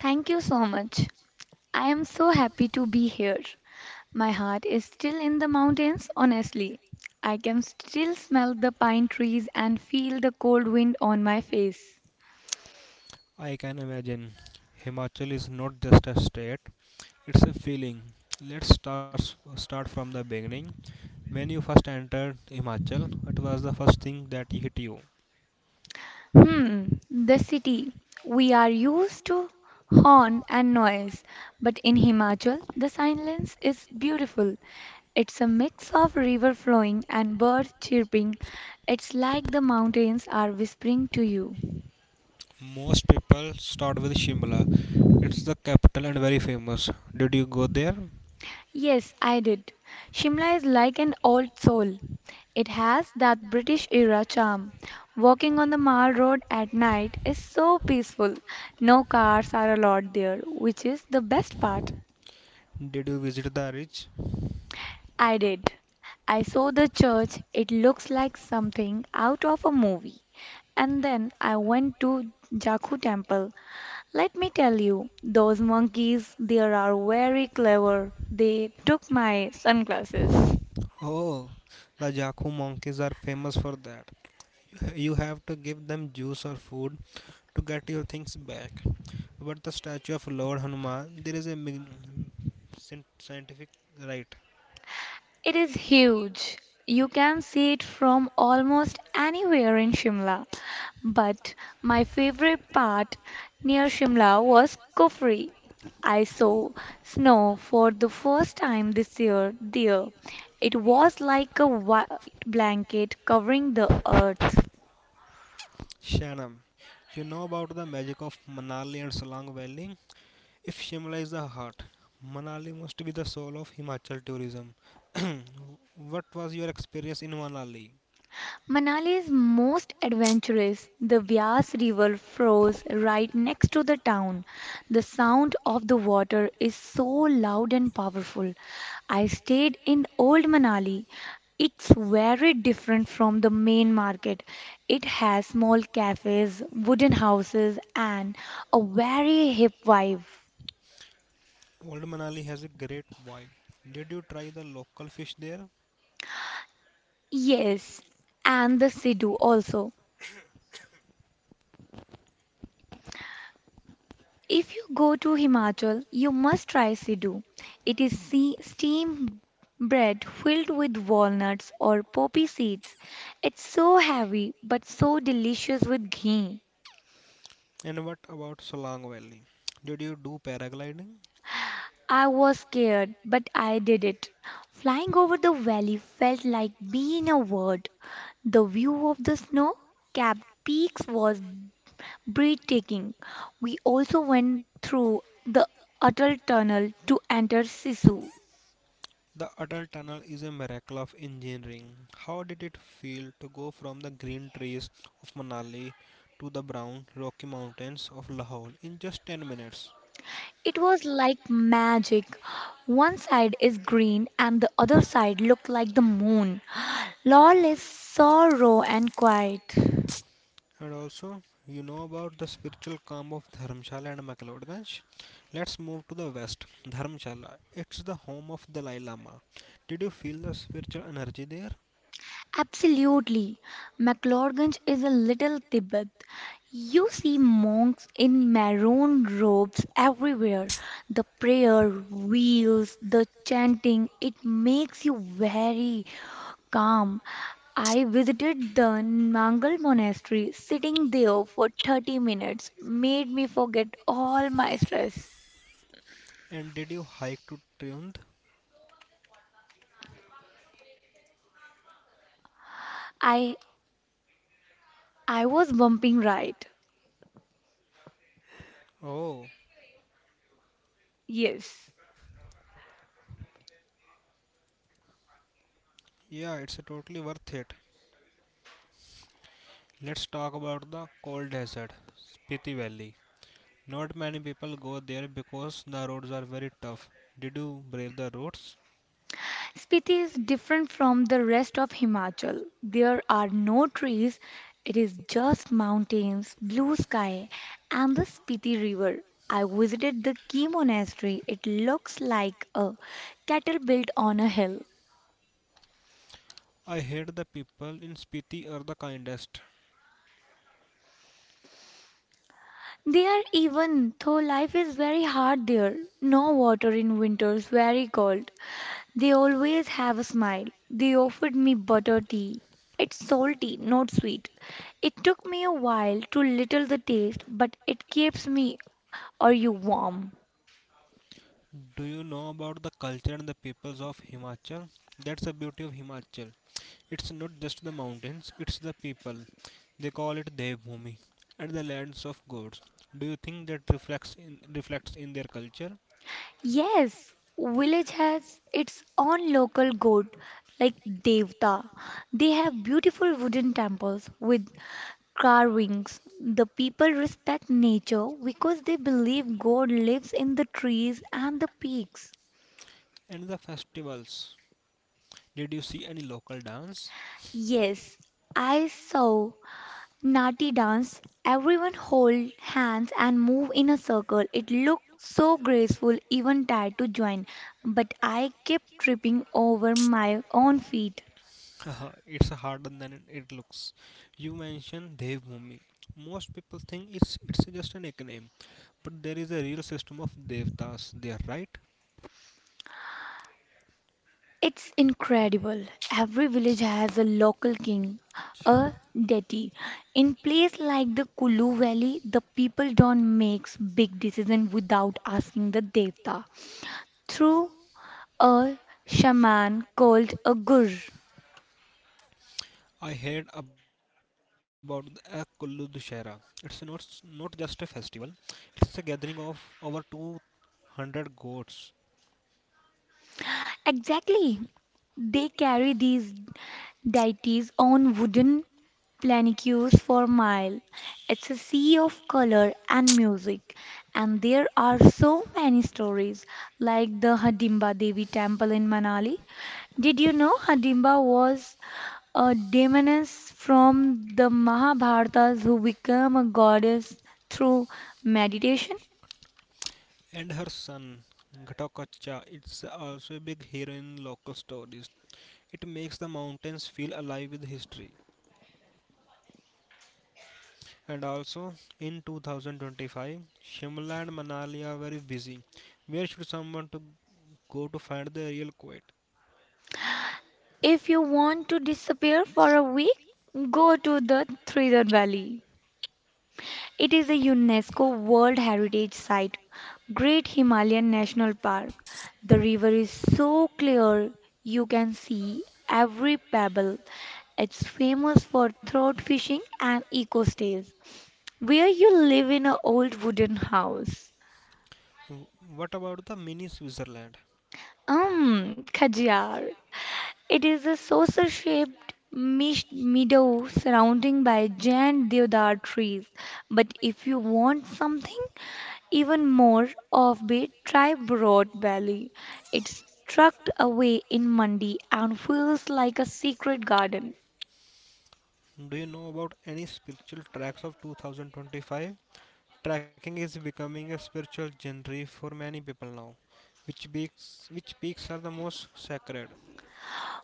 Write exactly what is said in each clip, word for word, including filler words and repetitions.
Thank you so much. I am so happy to be here. My heart is still in the mountains, honestly. I can still smell the pine trees and feel the cold wind on my face. Hmm, the city. We are used to horn and noise, but in Himachal, the silence is beautiful. It's a mix of river flowing and birds chirping. It's like the mountains are whispering to you. Yes, I did. Shimla is like an old soul. It has that British era charm. Walking on the Mall Road at night is so peaceful. No cars are allowed there, which is the best part. I did. I saw the church. It looks like something out of a movie. And then I went to Jaku temple. Let me tell you, those monkeys there are very clever. They took my sunglasses. It is huge. You can see it from almost anywhere in Shimla. But my favorite part near Shimla was Kufri. I saw snow for the first time this year there. It was like a white blanket covering the earth. Manali is most adventurous. The Vyas River flows right next to the town. The sound of the water is so loud and powerful. I stayed in Old Manali. It's very different from the main market. It has small cafes, wooden houses, and a very hip vibe. Yes, and the Sidhu also. If you go to Himachal, you must try Sidhu. It is se- steam bread filled with walnuts or poppy seeds. It's so heavy but so delicious with ghee. I was scared, but I did it. Flying over the valley felt like being a bird. The view of the snow capped peaks was breathtaking. We also went through the Atal Tunnel to enter Sisu. It was like magic. One side is green and the other side looked like the moon. Lol is sorrow, and quiet. Absolutely. McLaurganj is a little Tibet. You see monks in maroon robes everywhere. The prayer wheels, the chanting, it makes you very calm. I visited the Nangal monastery. Sitting there for thirty minutes made me forget all my stress. I I was bumping right. Yes. Spiti is different from the rest of Himachal. There are no trees. It is just mountains, blue sky, and the Spiti River. I visited the Key Monastery. It looks like a cattle built on a hill. They are even, though life is very hard there. No water in winters, very cold. They always have a smile. They offered me butter tea. It's salty, not sweet. It took me a while to little the taste, but it keeps me are you warm. Yes, village has its own local god like Devta. They have beautiful wooden temples with carvings. The people respect nature because they believe God lives in the trees and the peaks. Yes, I saw Nati dance. Everyone hold hands and move in a circle. It looked so graceful, even tired to join. But I kept tripping over my own feet. It's incredible. Every village has a local king, a deity. In place like the Kulu Valley, the people don't make big decisions without asking the devta through a shaman called a gur. Exactly. They carry these deities on wooden planicures for a mile. It's a sea of color and music. And there are so many stories, like the Hadimba Devi temple in Manali. Did you know Hadimba was a demoness from the Mahabharatas who became a goddess through meditation? If you want to disappear for a week, go to the Thriller Valley. It is a UNESCO World Heritage Site, Great Himalayan National Park. The river is so clear you can see every pebble. It's famous for trout fishing and eco stays, where you live in an old wooden house. Um, Khajiar. It is a saucer-shaped mesh- meadow surrounded by giant deodar trees. But if you want something even more offbeat, try Broad Valley. It's tucked away in Mandi and feels like a secret garden.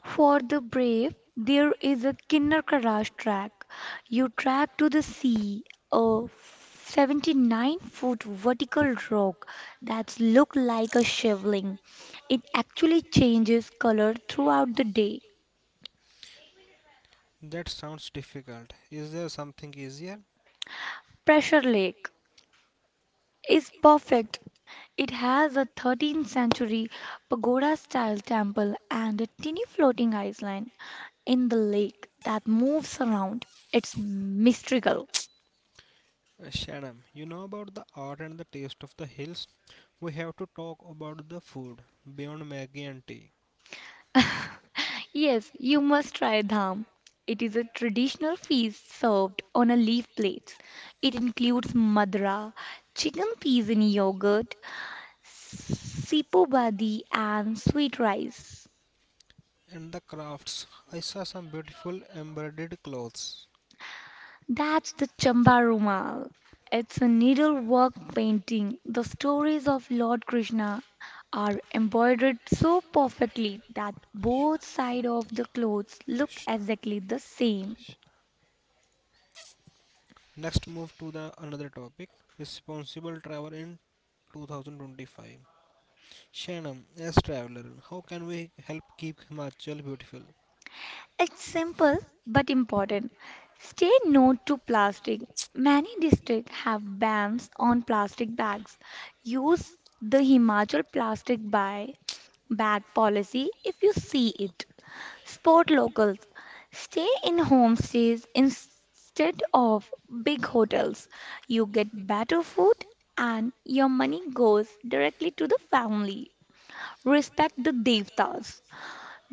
For the brave, there is a Kinnakaraj track. You track to the sea, a seventy-nine foot vertical rock that's look like a shivling. It actually changes color throughout the day. Pressure Lake is perfect. It has a thirteenth century pagoda style temple and a tiny floating island in the lake that moves around. It's mystical. Yes, you must try dham. It is a traditional feast served on a leaf plate. It includes madra, chicken peas in yogurt, sipo bhadi, and sweet rice. That's the Chamba Rumal. It's a needlework painting. The stories of Lord Krishna are embroidered so perfectly that both sides of the clothes look exactly the same. It's simple but important. Stay no to plastic. Many districts have bans on plastic bags. Use the Himachal plastic by bag policy if you see it. Support locals. Stay in homestays instead of big hotels. You get better food and your money goes directly to the family. Respect the devtas.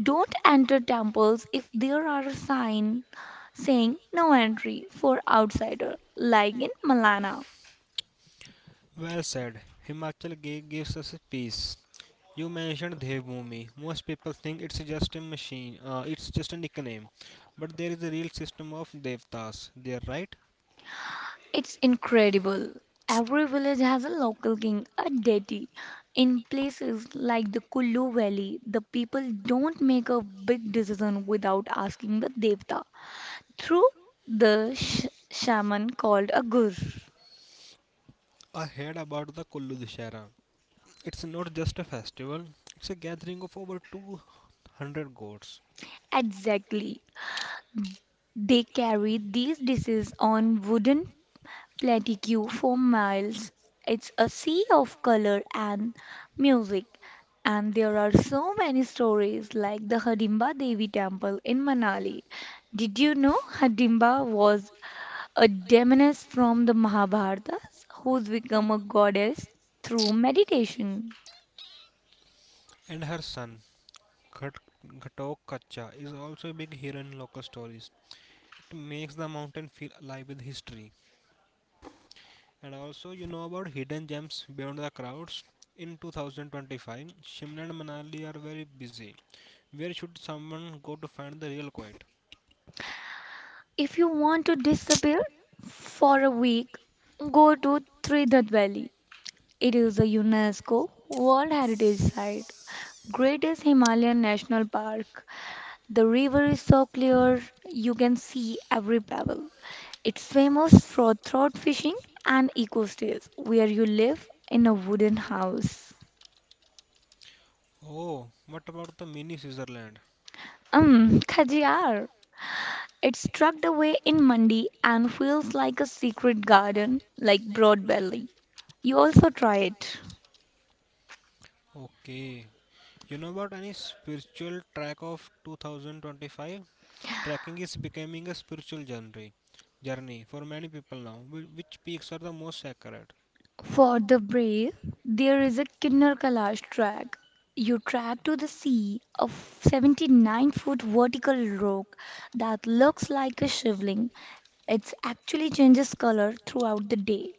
Don't enter temples if there are a sign saying no entry for outsider, like in Malana. It's incredible. Every village has a local king, a deity. In places like the Kullu Valley, the people don't make a big decision without asking the devta through the sh- shaman called a gur. Exactly. They carry these dishes on wooden plateau for miles. It's a sea of color and music. And there are so many stories like the Hidimba Devi temple in Manali. Did you know Hidimba was a demoness from the Mahabharata who's become a goddess through meditation? If you want to disappear for a week, go to Trinidad Valley. It is a UNESCO World Heritage Site, greatest Himalayan National Park. The river is so clear you can see every pebble. It's famous for trout fishing and eco stays where you live in a wooden house. Um, Khajjar. It struck the in Mandi and feels like a secret garden like Broadbelly. You also try it. For the brave, there is a Kinnar Kailash track. You track to the sea, a seventy-nine foot vertical rock that looks like a shivling. It actually changes color throughout the day.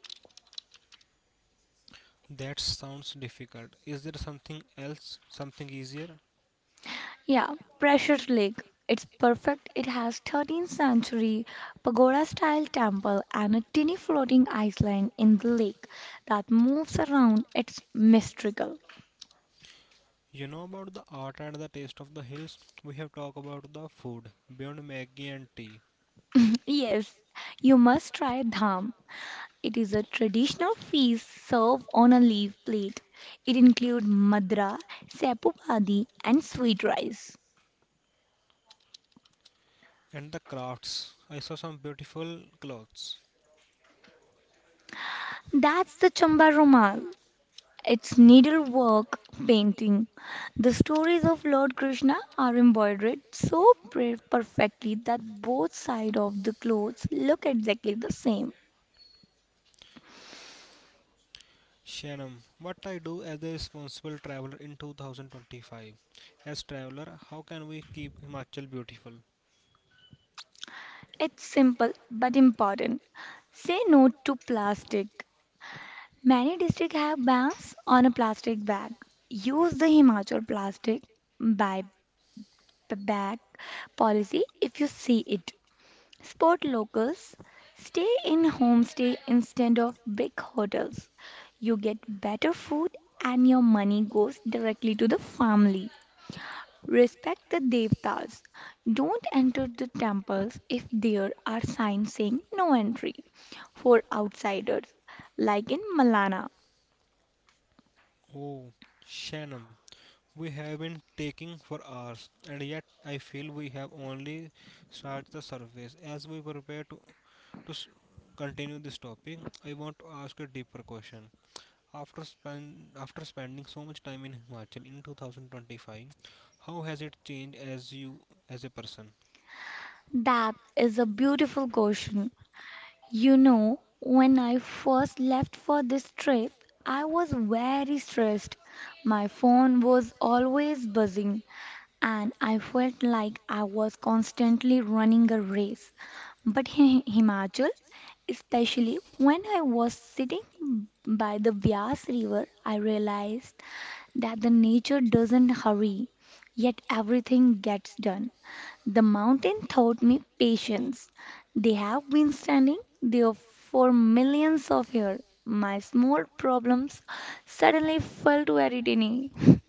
Yeah, Pressure Lake. It's perfect. It has thirteenth century pagoda style temple and a tiny floating island in the lake that moves around. It's mystical. Yes, you must try Dham. It is a traditional feast served on a leaf plate. It includes madra, sapupadi, and sweet rice. That's the Chamba Rumal. It's needlework painting. The stories of Lord Krishna are embroidered so pre- perfectly that both sides of the clothes look exactly the same. It's simple but important. Say no to plastic. Many districts have bans on a plastic bag. Use the Himachal plastic by b- bag policy if you see it. Support locals. Stay in homestay instead of big hotels. You get better food and your money goes directly to the family. Respect the devtas. Don't enter the temples if there are signs saying no entry for outsiders, like in Malana. That is a beautiful question. You know, when I first left for this trip, I was very stressed. My phone was always buzzing, and I felt like I was constantly running a race. But in Himachal, especially when I was sitting by the Bias River, I realized that the nature doesn't hurry, yet everything gets done. The mountain taught me patience. They have been standing there for millions of years. My small problems suddenly felt very tiny.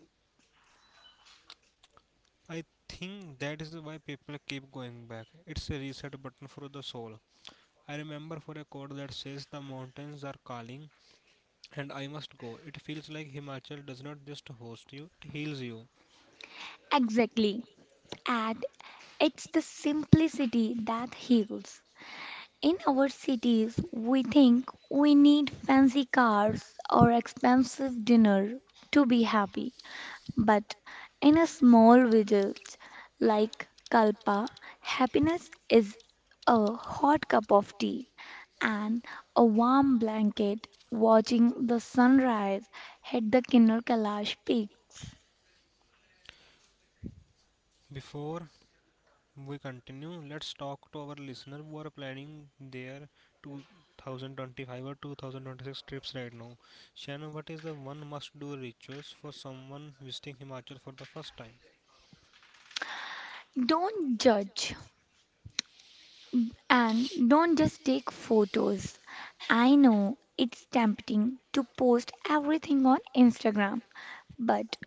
Exactly. And it's the simplicity that heals. In our cities, we think we need fancy cars or expensive dinner to be happy. But in a small village like Kalpa, happiness is a hot cup of tea and a warm blanket watching the sunrise hit the Kinnar Kailash peaks. Don't judge and don't just take photos. I know it's tempting to post everything on Instagram, but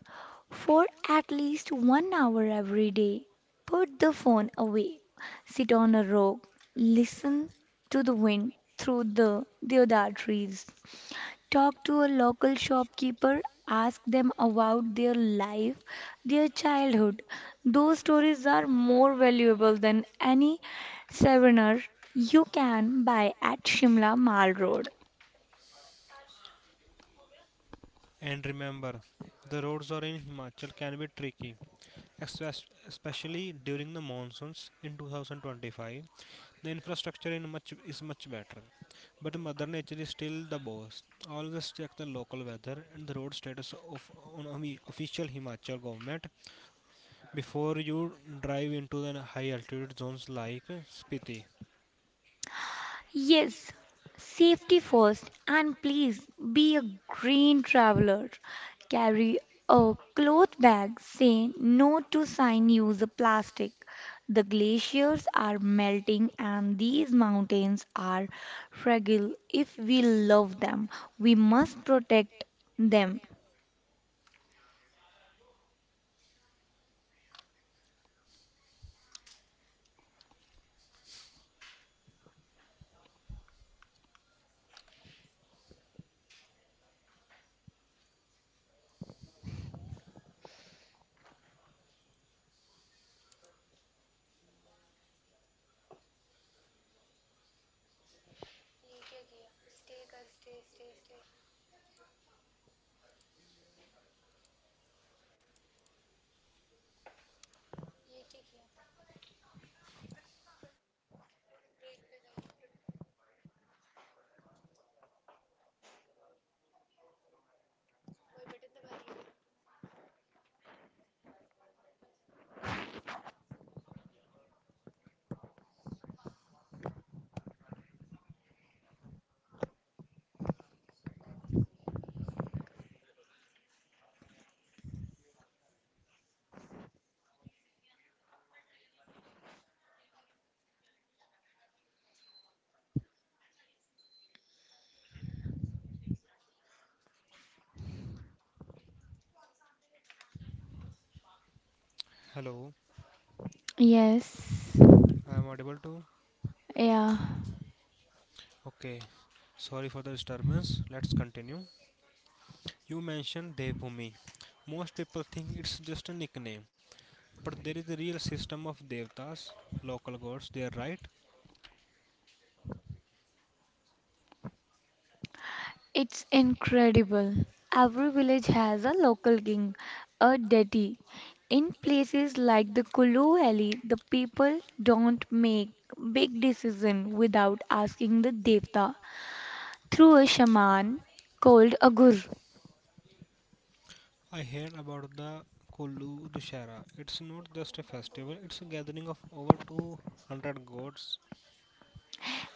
for at least one hour every day, put the phone away. Sit on a rock, listen to the wind through the deodar trees. Talk to a local shopkeeper, ask them about their life, their childhood. Those stories are more valuable than any souvenir you can buy at Shimla Mall Road. Yes, safety first, and please be a green traveler. Carry a cloth bag saying no to sign use of plastic. The glaciers are melting and these mountains are fragile. If we love them, we must protect them. Hello, Yes. I am audible to. Yeah. Okay, sorry for the disturbance. Let's continue. You mentioned Devbhumi. Most people think it's just a nickname, but there is a real system of devtas, local gods there, right? It's incredible. Every village has a local king, a deity. In places like the Kulu Valley, the people don't make big decisions without asking the devta through a shaman called a gur. I heard about the Kulu Dushara. It's not just a festival, it's a gathering of over two hundred gods.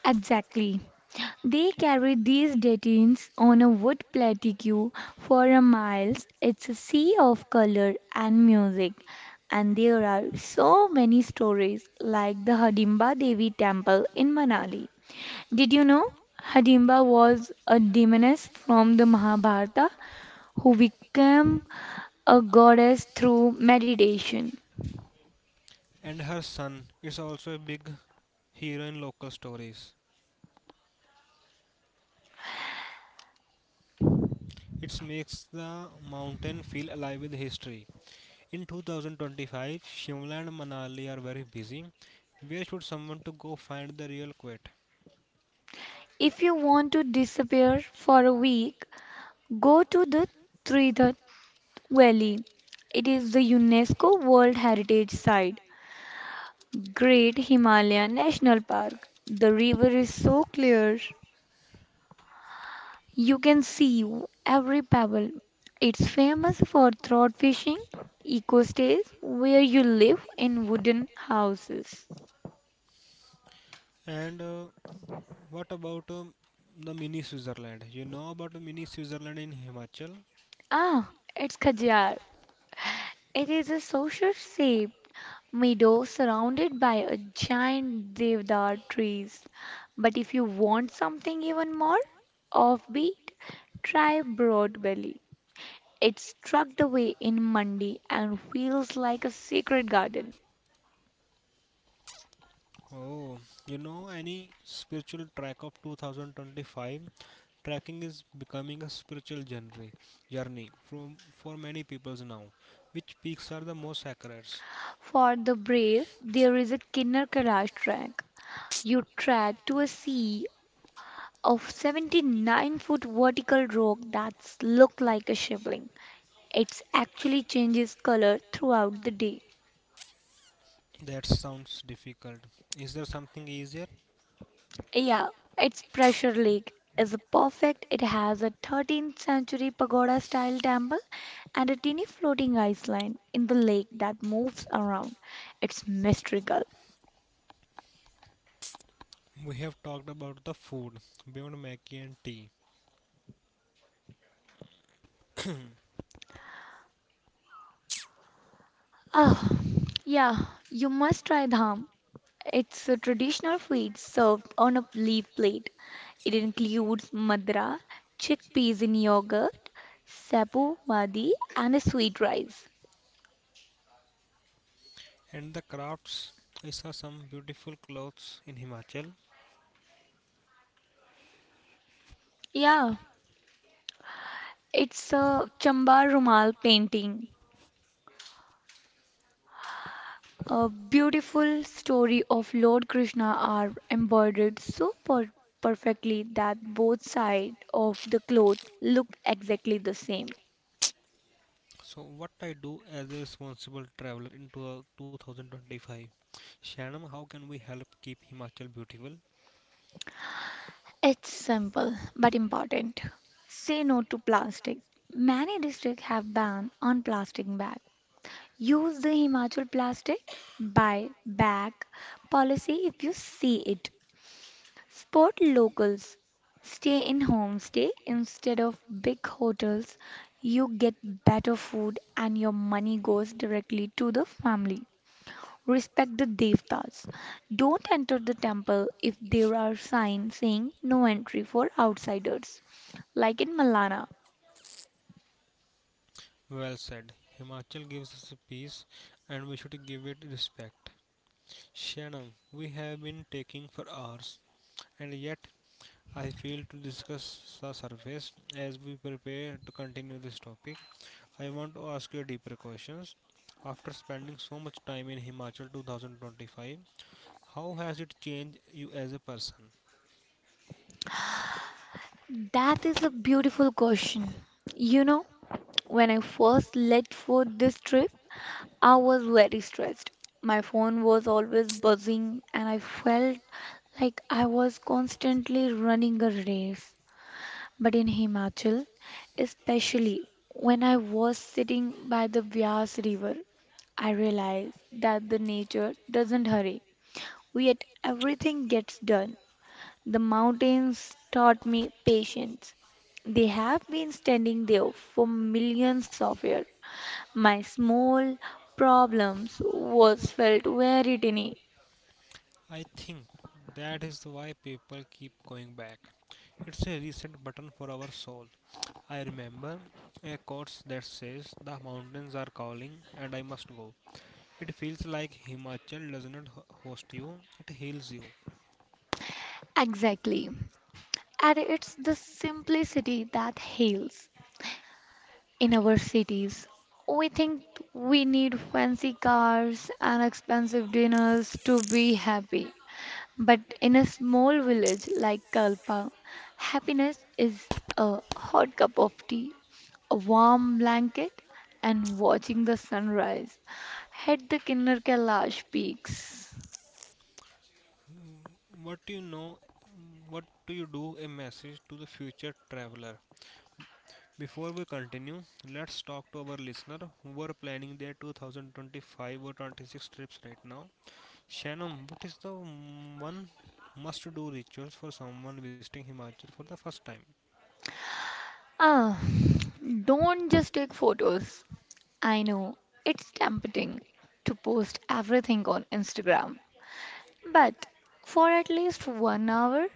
Exactly. They carried these datings on a wood plateau for a miles. It's a sea of color and music. And there are so many stories like the Hadimba Devi temple in Manali. Did you know Hadimba was a demoness from the Mahabharata who became a goddess through meditation? And her son is also a big hero in local stories. It makes the mountain feel alive with history. In twenty twenty-five, Shimla and Manali are very busy. Where should someone to go find the real quiet? If you want to disappear for a week, go to the Tirtha Valley. It is the UNESCO World Heritage Site, Great Himalaya National Park. The river is so clear, you can see every pebble. It's famous for trout fishing, eco stays where you live in wooden houses. And uh, what about um, the mini Switzerland? You know about the mini Switzerland in Himachal? Ah, it's Khajar. It is a social shape meadow surrounded by a giant deodar trees. But if you want something even more offbeat, try Broad Valley. It's tucked away in Mandi and feels like a secret garden. Oh, you know any spiritual track of twenty twenty-five? Trekking is becoming a spiritual journey, journey from for many peoples now. Which peaks are the most sacred? For the brave, there is a Kinnar Kailash track. You track to a sea of seventy-nine foot vertical rock that's look like a shivling. It actually changes color throughout the day. That sounds difficult. Is there something easier? Yeah, its pressure lake is perfect. It has a thirteenth century pagoda style temple and a teeny floating island in the lake that moves around. It's mystical. We have talked about the food beyond Maggie and tea, Ah, yeah, you must try dham. It's a traditional feed served on a leaf plate. It includes madra, chickpeas in yogurt, sabu wadi, and a sweet rice. and the crafts. I saw some beautiful clothes in Himachal. Yeah, it's a Chambar Rumal painting. A beautiful story of Lord Krishna are embroidered so per- perfectly that both sides of the cloth look exactly the same. So, what I do as a responsible traveler in twenty twenty-five? Shanam, how can we help keep Himachal beautiful? It's simple but important. Say no to plastic. Many districts have banned on plastic bag. Use the Himachal plastic by bag policy if you see it. Spot locals. Stay in homestay instead of big hotels. You get better food and your money goes directly to the family. Respect the devtas. Don't enter the temple if there are signs saying no entry for outsiders, like in Malana. Well said. Himachal gives us peace and we should give it respect. Shanam, we have been taking for hours and yet I feel to discuss the surface as we prepare to continue this topic. I want to ask you deeper questions. After spending so much time in Himachal twenty twenty-five, how has it changed you as a person? That is a beautiful question. You know, when I first left for this trip, I was very stressed. My phone was always buzzing, and I felt like I was constantly running a race. But in Himachal, especially when I was sitting by the Vyas River, I realized that the nature doesn't hurry, yet everything gets done. The mountains taught me patience. They have been standing there for millions of years, my small problems was felt very tiny. I think that is why people keep going back. It's a reset button for our soul. I remember a quote that says, "The mountains are calling and I must go." It feels like Himachal does not ho- host you, it heals you. Exactly. And it's the simplicity that heals. In our cities, we think we need fancy cars and expensive dinners to be happy. But in a small village like Kalpa, happiness is a hot cup of tea, a warm blanket, and watching the sunrise at the Kinnar Kailash peaks. What do you know? What do you do? A message to the future traveler. Before we continue, let's talk to our listener who are planning their twenty twenty-five or twenty-six trips right now. Shannon, what is the one must-do rituals for someone visiting Himachal for the first time? Ah, don't just take photos. I know it's tempting to post everything on Instagram, but for at least one hour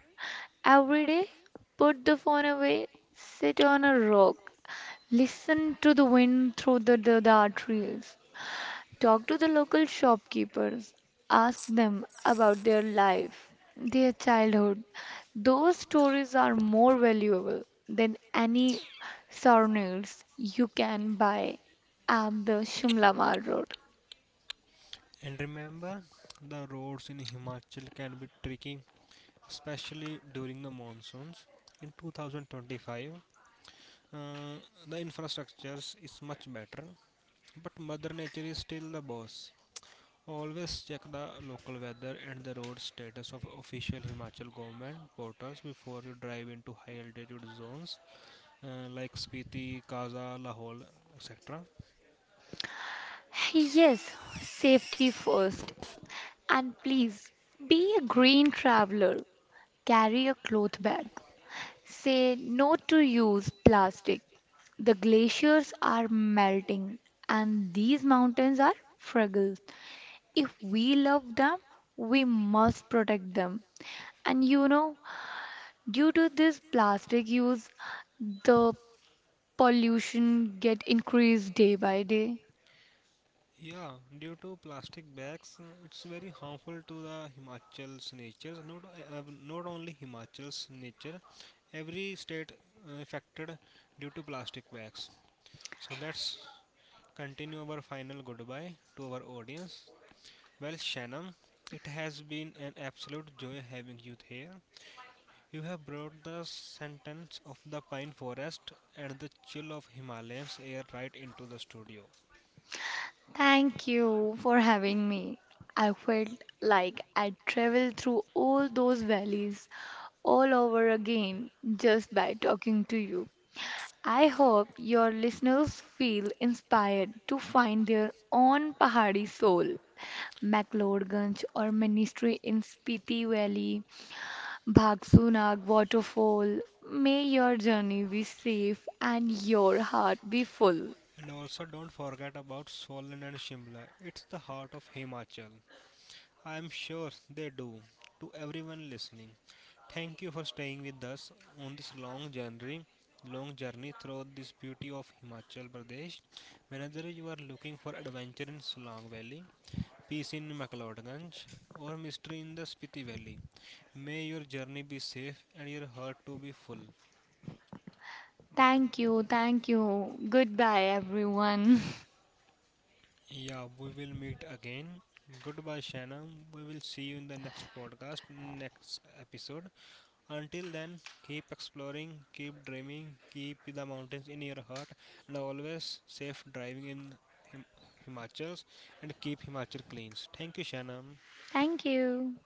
every day, put the phone away, sit on a rock, listen to the wind through the, the, the art reels. Talk to the local shopkeepers. Ask them about their life, their childhood. Those stories are more valuable than any souvenirs you can buy at the Shimla Mall Road. And remember, the roads in Himachal can be tricky, especially during the monsoons. In twenty twenty-five, uh, the infrastructures is much better. But Mother Nature is still the boss. Always check the local weather and the road status of official Himachal government portals before you drive into high altitude zones, uh, like Spiti, Kaza, Lahore, et cetera. Yes, safety first. And please be a green traveler. Carry a cloth bag. Say no to use plastic. The glaciers are melting and these mountains are fragile. If we love them, we must protect them. And you know, due to this plastic use, the pollution get increased day by day. Yeah, due to plastic bags, uh, it's very harmful to the Himachal's nature. Not uh, not only Himachal's nature, every state uh, affected due to plastic bags. So let's continue our final goodbye to our audience. Well, Shannon, it has been an absolute joy having you here. You have brought the sentence of the pine forest and the chill of Himalayan's air right into the studio. Thank you for having me. I felt like I traveled through all those valleys all over again just by talking to you. I hope your listeners feel inspired to find their own pahadi soul. McLeodganj or Ministry in Spiti Valley, Bhagsunag Waterfall. May your journey be safe and your heart be full. And also, don't forget about Solan and Shimla. It's the heart of Himachal. I am sure they do. To everyone listening, thank you for staying with us on this long journey. Long journey through this beauty of Himachal Pradesh. Whenever you are looking for adventure in Solang Valley, peace in McLeodganj, or mystery in the Spiti Valley. May your journey be safe and your heart to be full. Thank you. Thank you. Goodbye, everyone. Yeah, we will meet again. Goodbye, Shanna. We will see you in the next podcast, next episode. Until then, keep exploring, keep dreaming, keep the mountains in your heart, and always safe driving in Him- Himachals and keep Himachal clean. Thank you, Shanam. Thank you.